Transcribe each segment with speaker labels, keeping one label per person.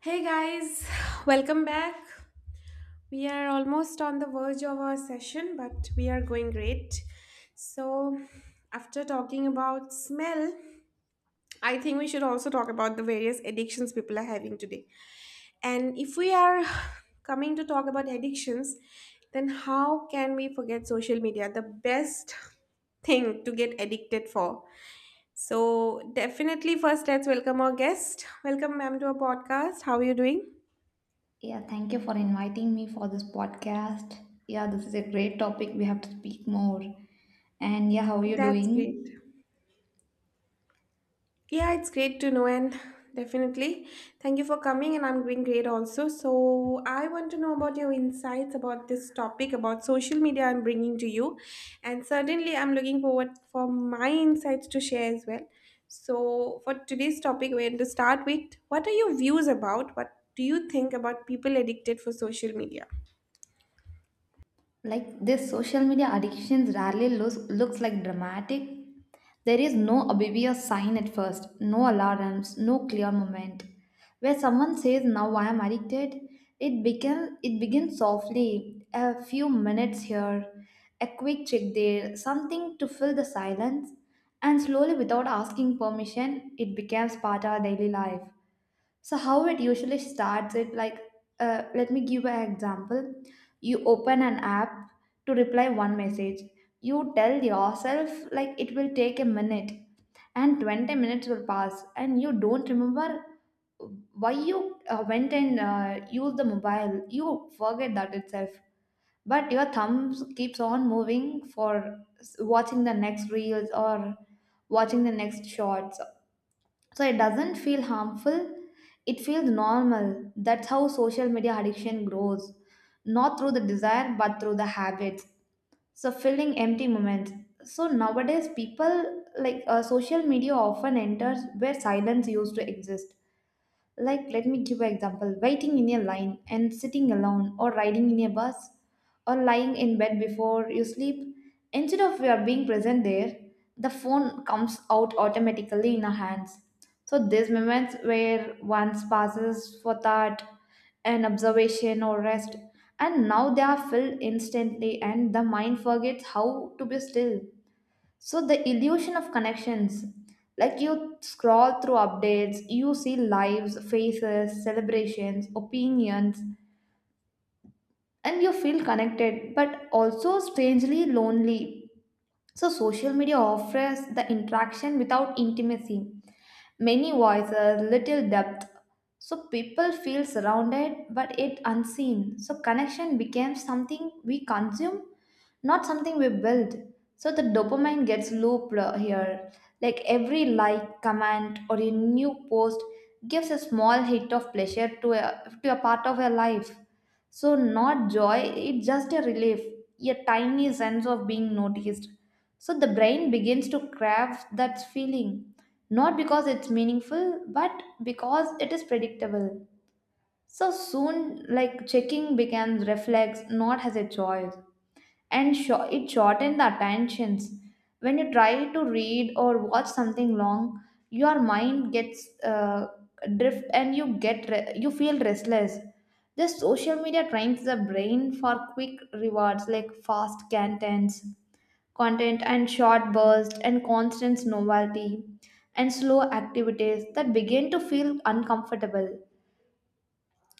Speaker 1: Hey guys, welcome back. We are almost on the verge of our session, but we are going great. So, after talking about smell, I think we should also talk about the various addictions people are having today. And if we are coming to talk about addictions, then how can we forget social media? The best thing to get addicted for. So, definitely, first, let's welcome our guest. Welcome, ma'am, to our podcast. How are you doing?
Speaker 2: Yeah, thank you for inviting me for this podcast. Yeah, this is a great topic. We have to speak more. And yeah, how are you
Speaker 1: That's great.
Speaker 2: doing?
Speaker 1: Yeah, it's great to know, and definitely thank you for coming. And I'm doing great also. So, I want to know about your insights about this topic about social media I'm bringing to you, and certainly I'm looking forward for my insights to share as well. So, for today's topic, we're going to start with what are your views about? What do you think about people addicted for social media?
Speaker 2: Like this social media addictions rarely looks like dramatic. There is no obvious sign at first, no alarms, no clear moment where someone says now I am addicted. It begins softly, a few minutes here, a quick check there, something to fill the silence, and slowly, without asking permission, it becomes part of our daily life. So how it usually starts, it like let me give an example. You open an app to reply one message. You tell yourself like it will take a minute, and 20 minutes will pass and you don't remember why you went and used the mobile. You forget that itself. But your thumbs keeps on moving for watching the next reels or watching the next shorts. So it doesn't feel harmful, it feels normal. That's how social media addiction grows, not through the desire but through the habits. So, filling empty moments. So nowadays people like social media often enters where silence used to exist. Like, let me give an example: waiting in a line and sitting alone, or riding in a bus, or lying in bed before you sleep. Instead of your being present there, the phone comes out automatically in our hands. So, these moments where once passes for thought and observation or rest, and now they are filled instantly, and the mind forgets how to be still. So the illusion of connections, like you scroll through updates, you see lives, faces, celebrations, opinions, and you feel connected, but also strangely lonely. So social media offers the interaction without intimacy, many voices, little depth. So people feel surrounded but yet unseen. So connection becomes something we consume, not something we build. So the dopamine gets looped here. Like every like, comment, or a new post gives a small hit of pleasure to a part of your life. So, not joy, it's just a relief, a tiny sense of being noticed. So, the brain begins to crave that feeling, not because it's meaningful, but because it is predictable. So, soon, like checking becomes reflex, not as a choice, and it shortens the attentions. When you try to read or watch something long, your mind gets drift and you you feel restless. This social media trains the brain for quick rewards like fast content and short bursts and constant novelty, and slow activities that begin to feel uncomfortable.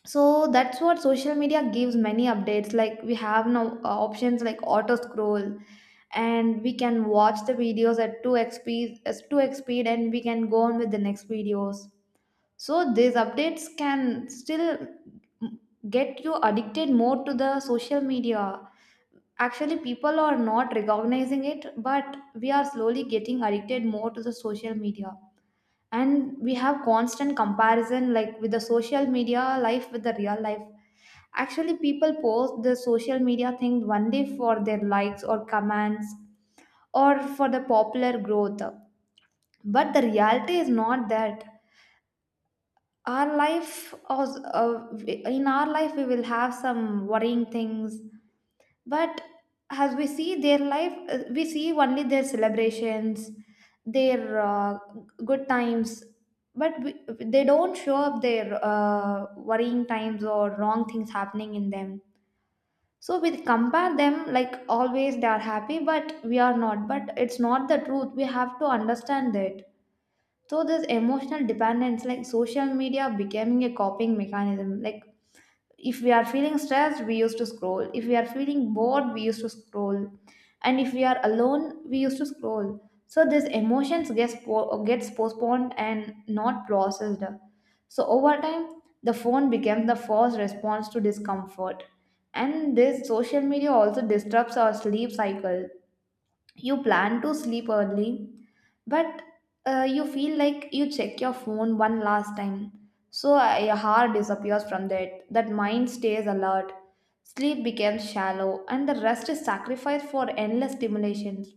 Speaker 2: So that's what social media gives. Many updates like we have now options like auto scroll, and we can watch the videos at 2x speed, as 2x speed, and we can go on with the next videos. So these updates can still get you addicted more to the social media. Actually, people are not recognizing it, but we are slowly getting addicted more to the social media. And we have constant comparison, like with the social media life with the real life. Actually, people post the social media thing one day for their likes or comments or for the popular growth. But the reality is not that. In our life, we will have some worrying things. But as we see their life, we see only their celebrations, their good times. But they don't show up their worrying times or wrong things happening in them. So we compare them like always they are happy, but we are not. But it's not the truth. We have to understand that. So this emotional dependence, like social media becoming a coping mechanism. Like if we are feeling stressed we used to scroll, if we are feeling bored we used to scroll, and if we are alone we used to scroll. So these emotions gets postponed and not processed. So over time the phone becomes the first response to discomfort. And this social media also disrupts our sleep cycle. You plan to sleep early, but you feel like you check your phone one last time. So your heart disappears from that, mind stays alert, sleep becomes shallow, and the rest is sacrificed for endless stimulations.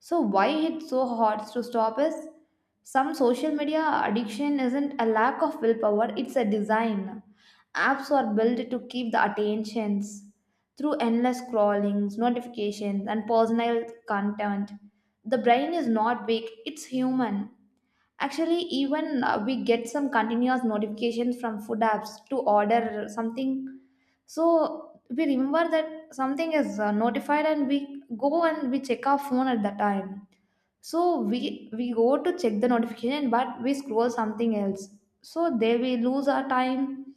Speaker 2: So why it's so hard to stop is, some social media addiction isn't a lack of willpower, it's a design. Apps are built to keep the attentions through endless scrollings, notifications, and personal content. The brain is not weak, it's human. Actually, even we get some continuous notifications from food apps to order something. So we remember that something is notified, and we go and we check our phone at the time. So we go to check the notification, but we scroll something else. So there we lose our time,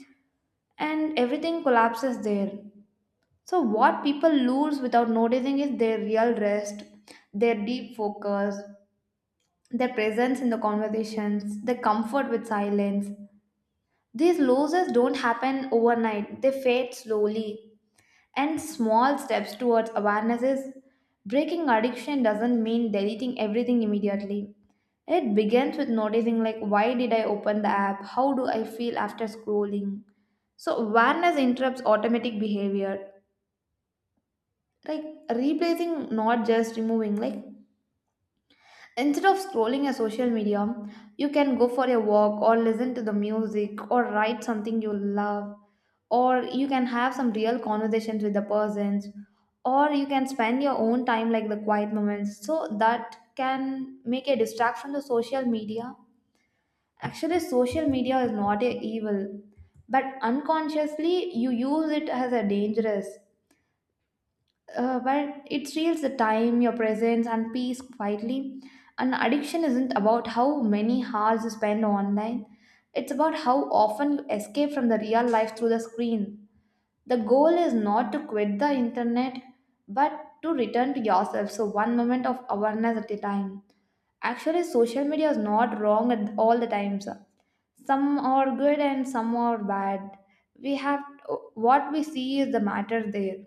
Speaker 2: and everything collapses there. So what people lose without noticing is their real rest, their deep focus, their presence in the conversations, their comfort with silence. These losses don't happen overnight, they fade slowly. And small steps towards awareness is, breaking addiction doesn't mean deleting everything immediately. It begins with noticing, like, why did I open the app? How do I feel after scrolling? So, awareness interrupts automatic behavior, like replacing, not just removing. Like, instead of scrolling a social media, you can go for a walk, or listen to the music, or write something you love, or you can have some real conversations with the persons, or you can spend your own time, like the quiet moments. So, that can make a distract from the social media. Actually, social media is not a evil, but unconsciously you use it as a dangerous. But it steals the time, your presence, and peace quietly. And addiction isn't about how many hours you spend online. It's about how often you escape from the real life through the screen. The goal is not to quit the internet, but to return to yourself. So one moment of awareness at a time. Actually, social media is not wrong at all the times. Some are good and some are bad. We have, what we see is the matter there.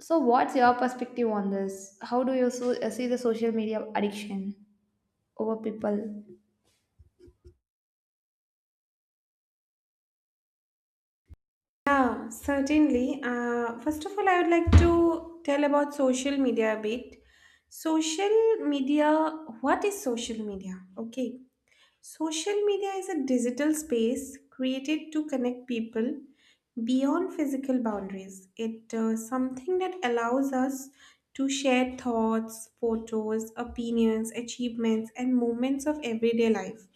Speaker 2: So, what's your perspective on this? How do you so, see the social media addiction over people?
Speaker 1: Yeah, certainly. First of all, I would like to tell about social media a bit. Social media, what is social media? Okay. Social media is a digital space created to connect people beyond physical boundaries. It something that allows us to share thoughts, photos, opinions, achievements, and moments of everyday life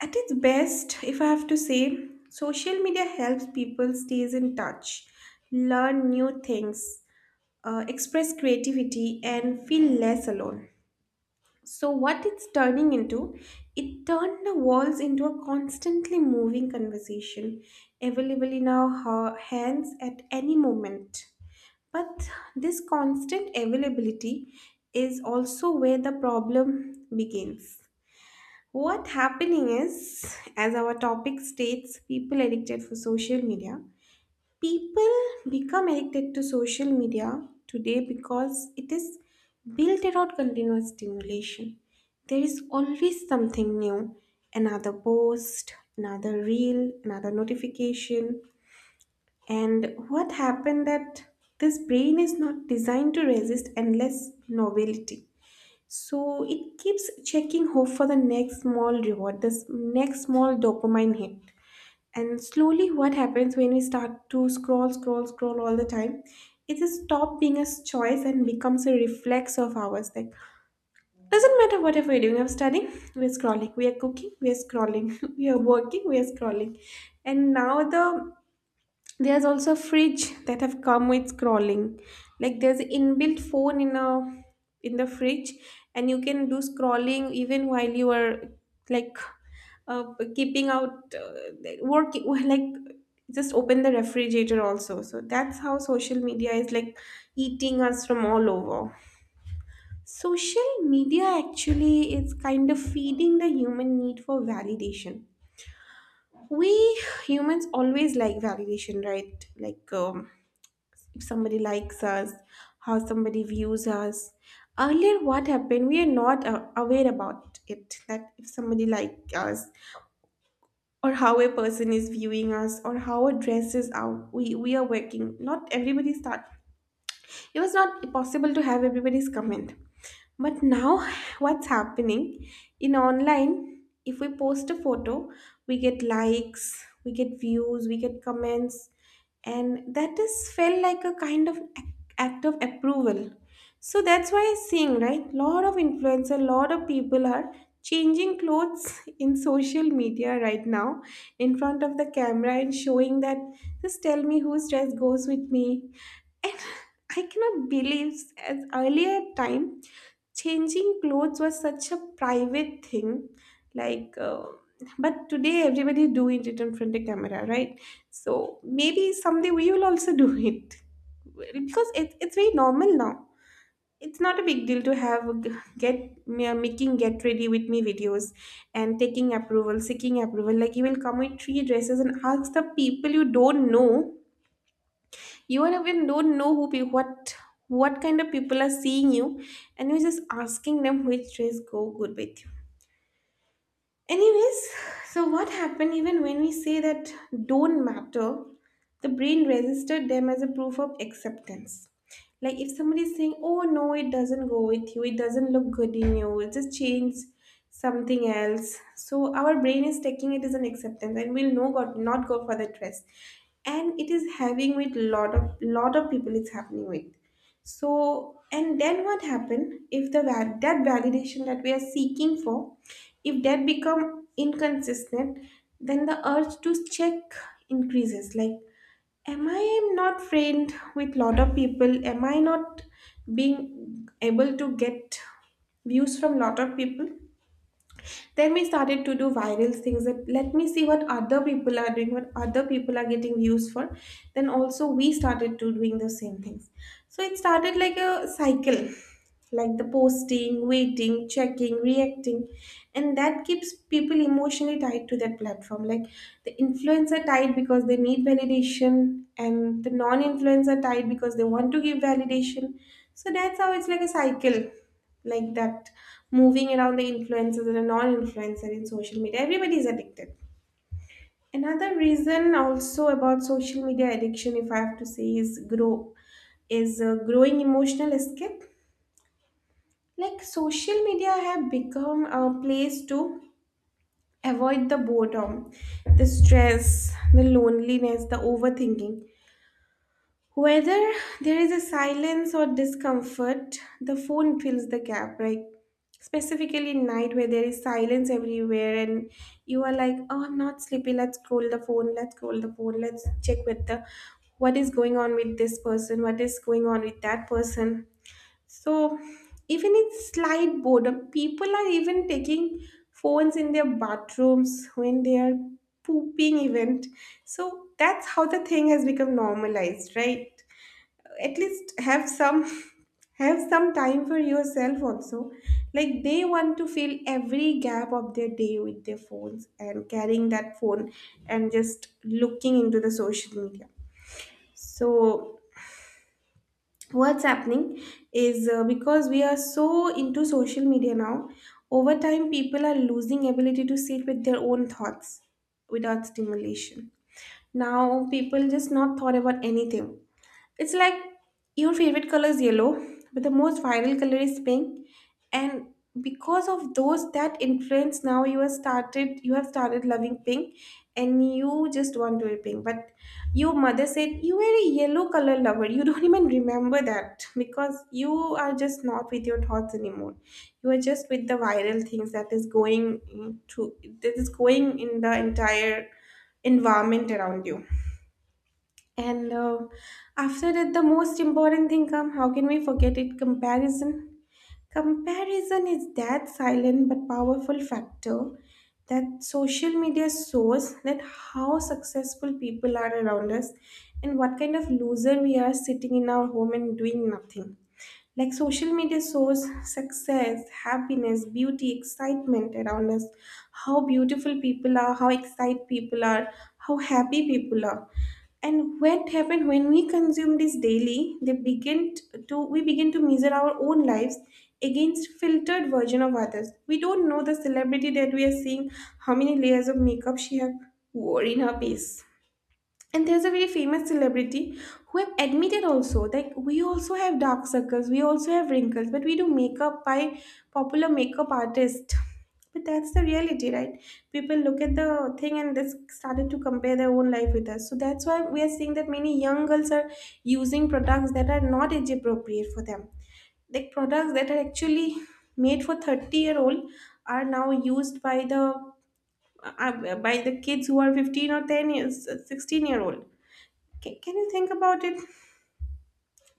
Speaker 1: at its best, if I have to say, social media helps people stays in touch, learn new things, express creativity, and feel less alone. So what it's turning into, it turned the walls into a constantly moving conversation, available in our hands at any moment. But this constant availability is also where the problem begins. What happening is, as our topic states, people addicted for social media. People become addicted to social media today because it is built around continuous stimulation. There is always something new, another post, another reel, another notification. And what happened that this brain is not designed to resist endless novelty, so it keeps checking hope for the next small reward, this next small dopamine hit. And slowly, what happens when we start to scroll, scroll, scroll all the time? It just stop being a choice and becomes a reflex of ours. Like doesn't matter whatever we're doing. I'm studying, we're scrolling. We are cooking, we are scrolling. We are working, we are scrolling. And now there's also fridge that have come with scrolling. Like there's inbuilt phone in the fridge, and you can do scrolling even while you are like uh, keeping out working like just open the refrigerator also. So that's how social media is like eating us from all over. Social media actually is kind of feeding the human need for validation. We humans always like validation, right? Like if somebody likes us, how somebody views us. Earlier, what happened? We are not aware about it that if somebody likes us, or how a person is viewing us, or how a dress is out. We are working. Not everybody start. It was not possible to have everybody's comment. But now, what's happening in online? If we post a photo, we get likes, we get views, we get comments, and that is felt like a kind of act of approval. So that's why I'm seeing right, lot of influencer, lot of people are changing clothes in social media right now, in front of the camera and showing that. Just tell me whose dress goes with me. And I cannot believe as earlier time changing clothes was such a private thing, like, uh, but today everybody doing it in front of camera, right? So maybe someday we will also do it because it's very normal now. It's not a big deal to have a g- get me- making get ready with me videos and taking approval, seeking approval. Like you will come with three dresses and ask the people you don't know you and even don't know who what kind of people are seeing you and you're just asking them which dress go good with you. Anyways, so what happened even when we say that don't matter, the brain registered them as a proof of acceptance. Like if somebody is saying, oh no, it doesn't go with you, it doesn't look good in you, it just change something else. So our brain is taking it as an acceptance and will not go for the dress. And it is having with lot of people it's happening with. So and then what happened if the that validation that we are seeking for, if that become inconsistent, then the urge to check increases. Like, am I not friend with lot of people? Am I not being able to get views from lot of people? Then we started to do viral things that let me see what other people are doing, what other people are getting views for. Then also we started to doing the same things. So it started like a cycle, like the posting, waiting, checking, reacting, and that keeps people emotionally tied to that platform. Like the influencer tied because they need validation, and the non-influencer tied because they want to give validation. So that's how it's like a cycle, like that moving around the influencers and the non-influencer in social media. Everybody is addicted. Another reason also about social media addiction, if I have to say, is growing emotional escape, like social media have become a place to avoid the boredom, the stress, the loneliness, the overthinking. Whether there is a silence or discomfort, the phone fills the gap, right? Specifically in night where there is silence everywhere and you are like, oh, I'm not sleepy. Let's scroll the phone. Let's scroll the phone. Let's check with the what is going on with this person. What is going on with that person. So, even in slight boredom, people are even taking phones in their bathrooms when they are pooping event. So that's how the thing has become normalized, right? At least have some have some time for yourself also. Like they want to fill every gap of their day with their phones and carrying that phone and just looking into the social media. So what's happening is because we are so into social media now, over time people are losing ability to sit with their own thoughts without stimulation. Now people just not thought about anything. It's like your favorite color is yellow, but the most viral color is pink. And because of those that influence, now you have started loving pink and you just want to wear pink. But your mother said you were a yellow color lover. You don't even remember that because you are just not with your thoughts anymore. You are just with the viral things that is going to that is going in the entire environment around you, and after that, the most important thing come. How can we forget it? Comparison. Comparison is that silent but powerful factor that social media shows that how successful people are around us and what kind of loser we are sitting in our home and doing nothing. Like social media shows success, happiness, beauty, excitement around us, how beautiful people are, how excited people are, how happy people are. And what happened when we consume this daily, they begin t- to we begin to measure our own lives against filtered version of others. We don't know the celebrity that we are seeing, how many layers of makeup she have wore in her face, and there's a very famous celebrity who have admitted also, like, we also have dark circles, we also have wrinkles, but we do makeup by popular makeup artist. But that's the reality, right? People look at the thing and this started to compare their own life with us. So that's why we are seeing that many young girls are using products that are not age appropriate for them. Like products that are actually made for 30-year-old are now used by the kids who are 15 or 10 years 16-year-old. Can you think about it?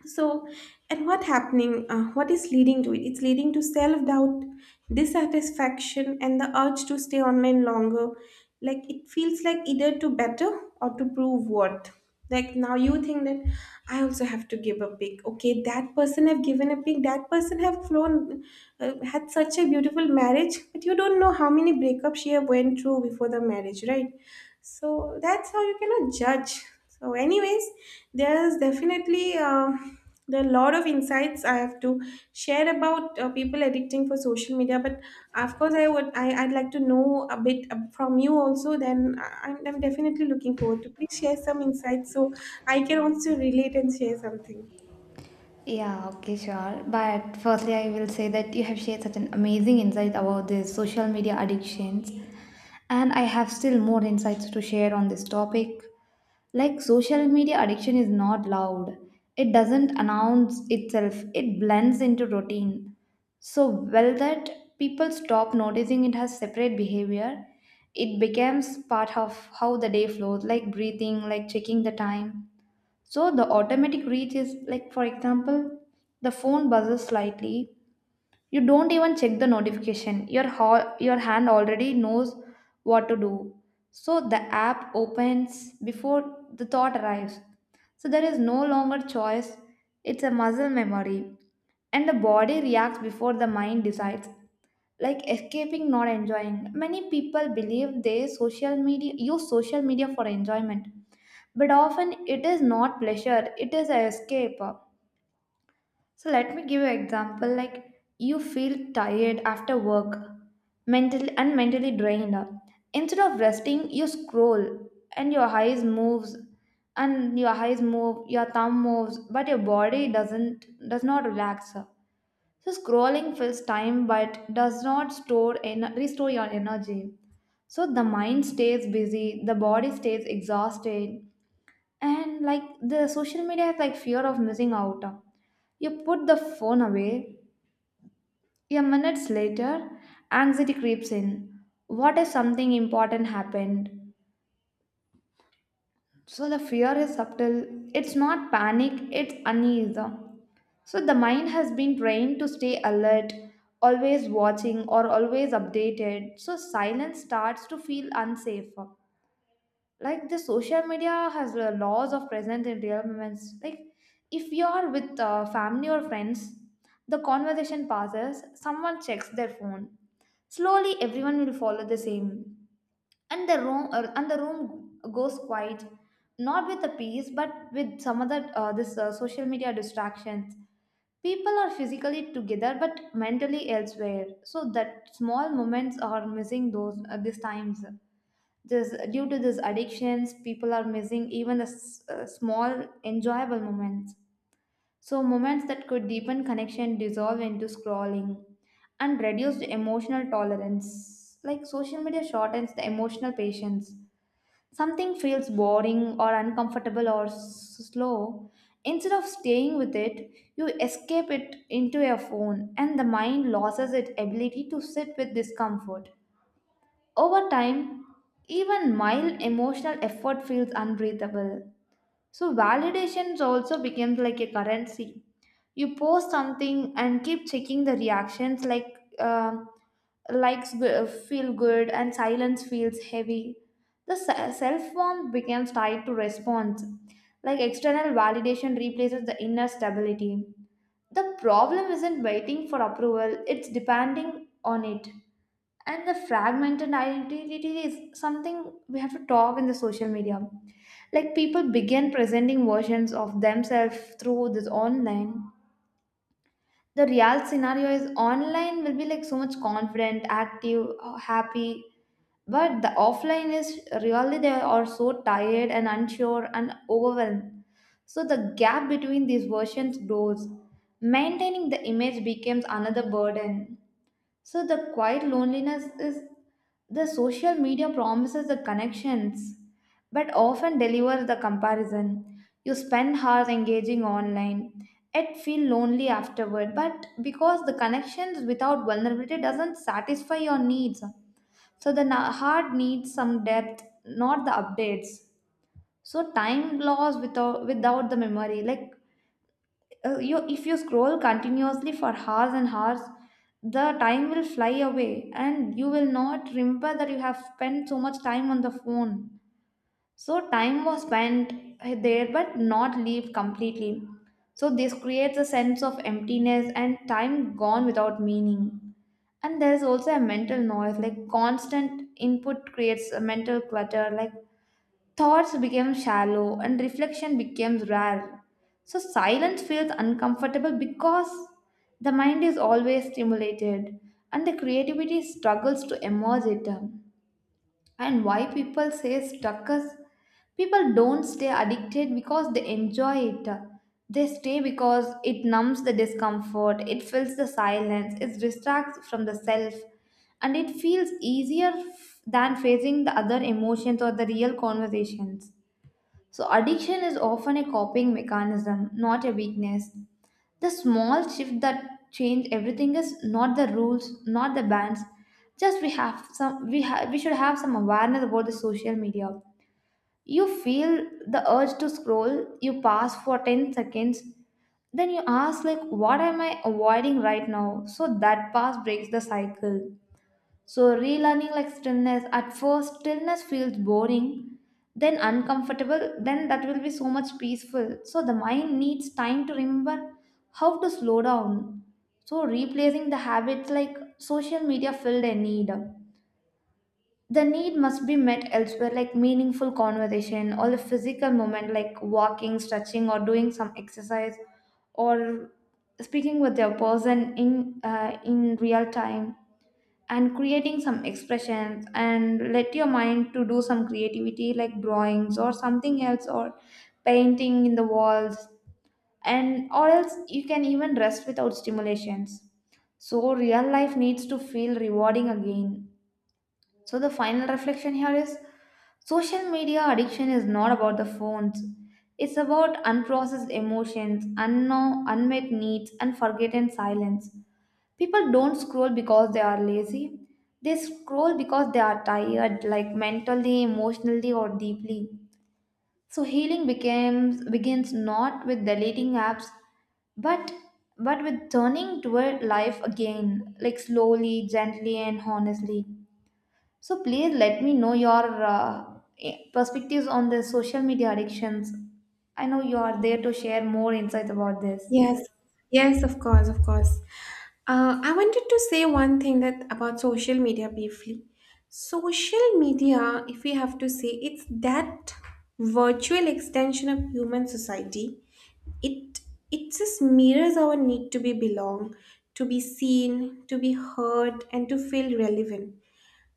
Speaker 1: So and what happening what is leading to it, it's leading to self-doubt, dissatisfaction and the urge to stay online longer. Like it feels like either to better or to prove what. Like now you think that I also have to give a pic, okay, that person have given a pic, that person have flown had such a beautiful marriage, but you don't know how many breakups she have went through before the marriage, right? So that's how you cannot judge. So anyways, there's definitely there are a lot of insights I have to share about people addicting for social media, but of course I'd like to know a bit from you also, then I'm definitely looking forward to please share some insights so I can also relate and share something.
Speaker 2: Yeah, okay, sure. But firstly, I will say that you have shared such an amazing insight about the social media addictions, and I have still more insights to share on this topic. Like, social media addiction is not loud, it doesn't announce itself, it blends into routine so well that people stop noticing it has separate behavior. It becomes part of how the day flows, like breathing, like checking the time. So the automatic reach is like, for example, the phone buzzes slightly. You don't even check the notification. Your hand already knows what to do. So the app opens before the thought arrives. So there is no longer choice. It's a muscle memory, and the body reacts before the mind decides. Like escaping, not enjoying. Many people believe they social media, use social media for enjoyment, but often it is not pleasure, it is an escape. So let me give you an example, like you feel tired after work, mentally drained. Instead of resting you scroll, and your eyes move, your thumb moves, but your body does not relax. So scrolling fills time but does not restore your energy. So the mind stays busy, the body stays exhausted, and like the social media has like fear of missing out. You put the phone away, a minutes later, anxiety creeps in. What if something important happened? So the fear is subtle. It's not panic, it's unease. So the mind has been trained to stay alert, always watching, or always updated. So silence starts to feel unsafe. Like the social media has a laws of present in real moments. Like if you are with family or friends, the conversation passes, someone checks their phone. Slowly, everyone will follow the same, and the room goes quiet, not with the peace, but with some other this social media distractions. People are physically together but mentally elsewhere, so that small moments are missing those these times. This due to these addictions, people are missing even the small enjoyable moments. So moments that could deepen connection dissolve into scrolling and reduce the emotional tolerance. Like social media shortens the emotional patience. Something feels boring or uncomfortable or slow, instead of staying with it, you escape it into your phone, and the mind loses its ability to sit with discomfort. Over time, even mild emotional effort feels unbreathable. So validations also becomes like a currency. You post something and keep checking the reactions like um feel good and silence feels heavy. The self warmth becomes tied to response. Like external validation replaces the inner stability. The problem isn't waiting for approval, it's depending on it. And the fragmented identity is something we have to talk in the social media, like people begin presenting versions of themselves through this online. The real scenario is online will be like so much confident, active, happy, but the offline is really they are so tired and unsure and overwhelmed. So the gap between these versions grows. Maintaining the image becomes another burden. So the quiet loneliness is the social media promises the connections, but often delivers the comparison. You spend hours engaging online, yet feel lonely afterward, but because the connections without vulnerability doesn't satisfy your needs. So the heart needs some depth, not the updates. So time loss without the memory, like you, if you scroll continuously for hours and hours, the time will fly away and you will not remember that you have spent so much time on the phone. So time was spent there but not lived completely. So this creates a sense of emptiness and time gone without meaning. And there is also a mental noise, like constant input creates a mental clutter. Like thoughts became shallow and reflection became rare. So silence feels uncomfortable because the mind is always stimulated and the creativity struggles to emerge it. And why people say stuck is people don't stay addicted because they enjoy it. They stay because it numbs the discomfort, it fills the silence, it distracts from the self, and it feels easier than facing the other emotions or the real conversations. So, addiction is often a coping mechanism, not a weakness. The small shift that change everything is not the rules, not the bans. Just we should have some awareness about the social media. You feel the urge to scroll, you pause for 10 seconds, then you ask, like, what am I avoiding right now? So that pause breaks the cycle. So, relearning like stillness, at first, stillness feels boring, then uncomfortable, then that will be so much peaceful. So, the mind needs time to remember how to slow down. So, replacing the habits, like social media filled a need. The need must be met elsewhere, like meaningful conversation or a physical moment, like walking, stretching, or doing some exercise, or speaking with your person in real time, and creating some expressions and let your mind to do some creativity like drawings or something else, or painting in the walls, and or else you can even rest without stimulations. So real life needs to feel rewarding again. So the final reflection here is social media addiction is not about the phones. It's about unprocessed emotions, unknown unmet needs and forgotten silence. People don't scroll because they are lazy. They scroll because they are tired, like mentally, emotionally, or deeply. So healing becomes begins not with deleting apps, but with turning toward life again, like slowly, gently, and honestly. So please let me know your perspectives on the social media addictions. I know you are there to share more insights about this.
Speaker 1: Yes, yes, of course, of course. I wanted to say one thing that about social media briefly. Social media, if we have to say, it's that virtual extension of human society. It it just mirrors our need to be belong, to be seen, to be heard, and to feel relevant.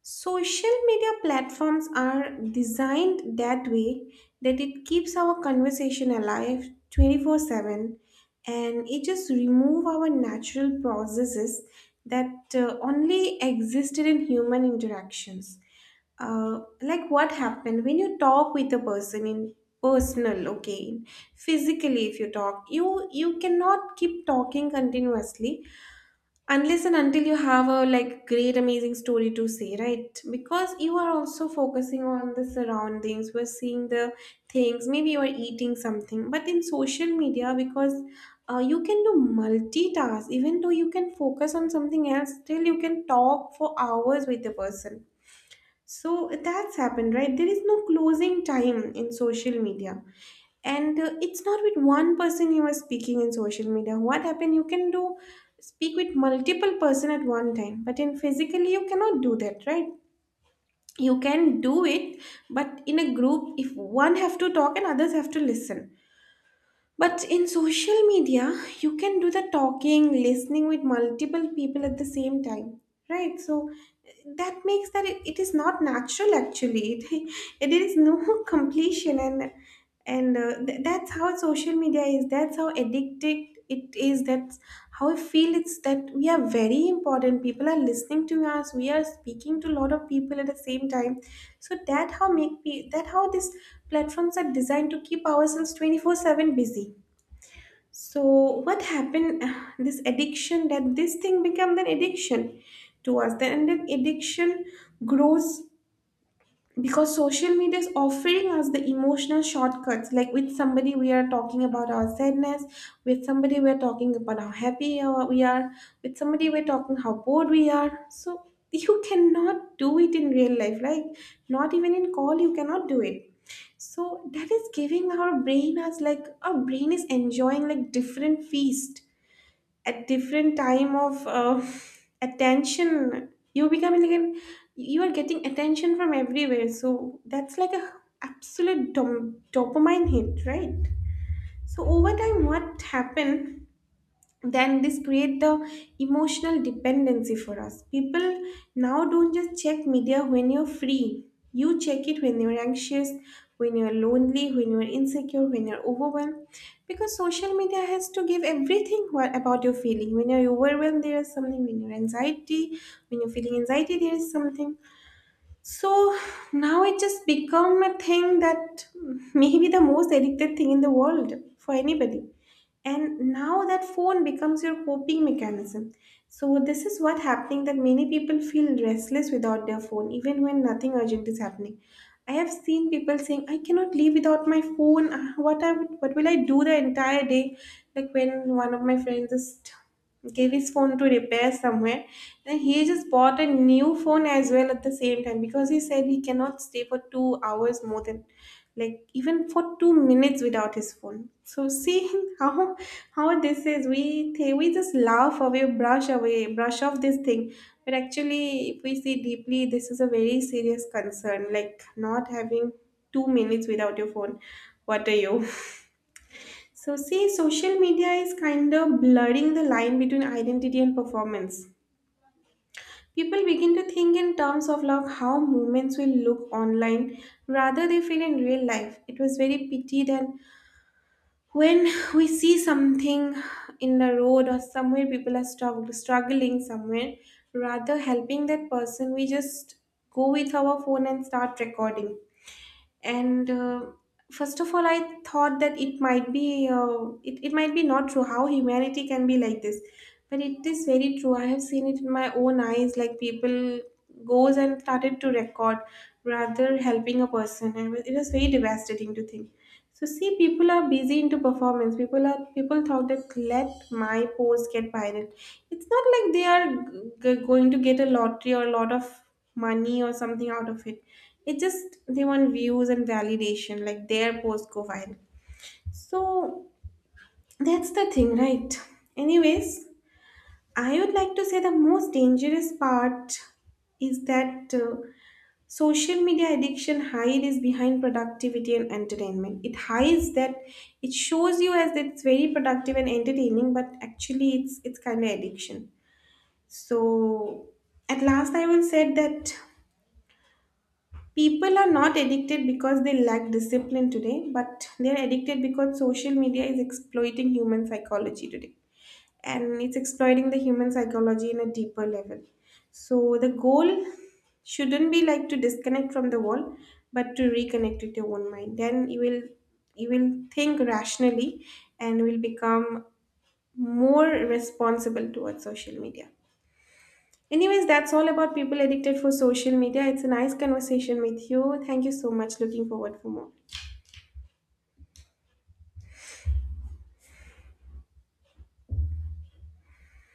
Speaker 1: Social media platforms are designed that way that it keeps our conversation alive 24/7, and it just remove our natural processes that only existed in human interactions. Like what happened when you talk with a person in personal, okay, physically if you talk, you cannot keep talking continuously unless and until you have a like great amazing story to say, right? Because you are also focusing on the surroundings, we're seeing the things, maybe you are eating something. But in social media, because you can do multitask, even though you can focus on something else, still you can talk for hours with the person. So that's happened, right? There is no closing time in social media. And it's not with one person you are speaking in social media. What happened? You can do speak with multiple person at one time, but in physically you cannot do that, right? You can do it, but in a group, if one have to talk and others have to listen, but in social media, you can do the talking, listening with multiple people at the same time, right? So that makes that it is not natural actually. It is no completion, and and that's how social media is. That's how addicted it is. That's how I feel it's that we are very important, people are listening to us, we are speaking to a lot of people at the same time. So that how make that how these platforms are designed to keep ourselves 24/7 busy. So what happened? This addiction, that this thing become an addiction to us, then and then addiction grows because social media is offering us the emotional shortcuts, like with somebody we are talking about our sadness, with somebody we are talking about how happy we are, with somebody we're talking how bored we are. So you cannot do it in real life, like not even in call you cannot do it. So that is giving our brain as like our brain is enjoying like different feast at different time of attention. You become like an, You are getting attention from everywhere, so that's like a absolute dopamine hit, right? So over time what happened? Then this create the emotional dependency for us. People now don't just check media when you're free. You check it when you're anxious, when you're lonely, when you're insecure, when you're overwhelmed, because social media has to give everything. What about your feeling when you're overwhelmed? There is something. When you're feeling anxiety, there is something. So now it just become a thing that maybe the most addicted thing in the world for anybody. And now that phone becomes your coping mechanism. So this is what happening, that many people feel restless without their phone even when nothing urgent is happening. I have seen people saying I cannot live without my phone. Ah, what will I do the entire day? Like when one of my friends just gave his phone to repair somewhere, and he just bought a new phone as well at the same time, because he said he cannot stay for 2 hours, more than like even for 2 minutes without his phone. So seeing how this is, we we just laugh away, brush off this thing. But actually, if we see deeply, this is a very serious concern. Like not having 2 minutes without your phone. What are you? So see, social media is kind of blurring the line between identity and performance. People begin to think in terms of like how movements will look online rather they feel in real life. It was very pitied. And when we see something in the road or somewhere, people are struggling somewhere, rather helping that person, we just go with our phone and start recording. And first of all I thought that it might be it might be not true, how humanity can be like this. But it is very true, I have seen it in my own eyes, like people goes and started to record rather helping a person, and it was very devastating to think. So see, people are busy into performance. People thought that let my post get viral. It's not like they are going to get a lottery or a lot of money or something out of it. It's just they want views and validation, like their post go viral. So that's the thing, right? Anyways, I would like to say the most dangerous part is that social media addiction hides behind productivity and entertainment. It hides that, it shows you as that it's very productive and entertaining, but actually it's kind of addiction. So at last I will say that people are not addicted because they lack discipline today, but they're addicted because social media is exploiting human psychology today, and it's exploiting the human psychology in a deeper level. So the goal shouldn't be like to disconnect from the world, but to reconnect with your own mind. Then you will think rationally and will become more responsible towards social media. Anyways, that's all about people addicted for social media. It's a nice conversation with you. Thank you so much. Looking forward for more.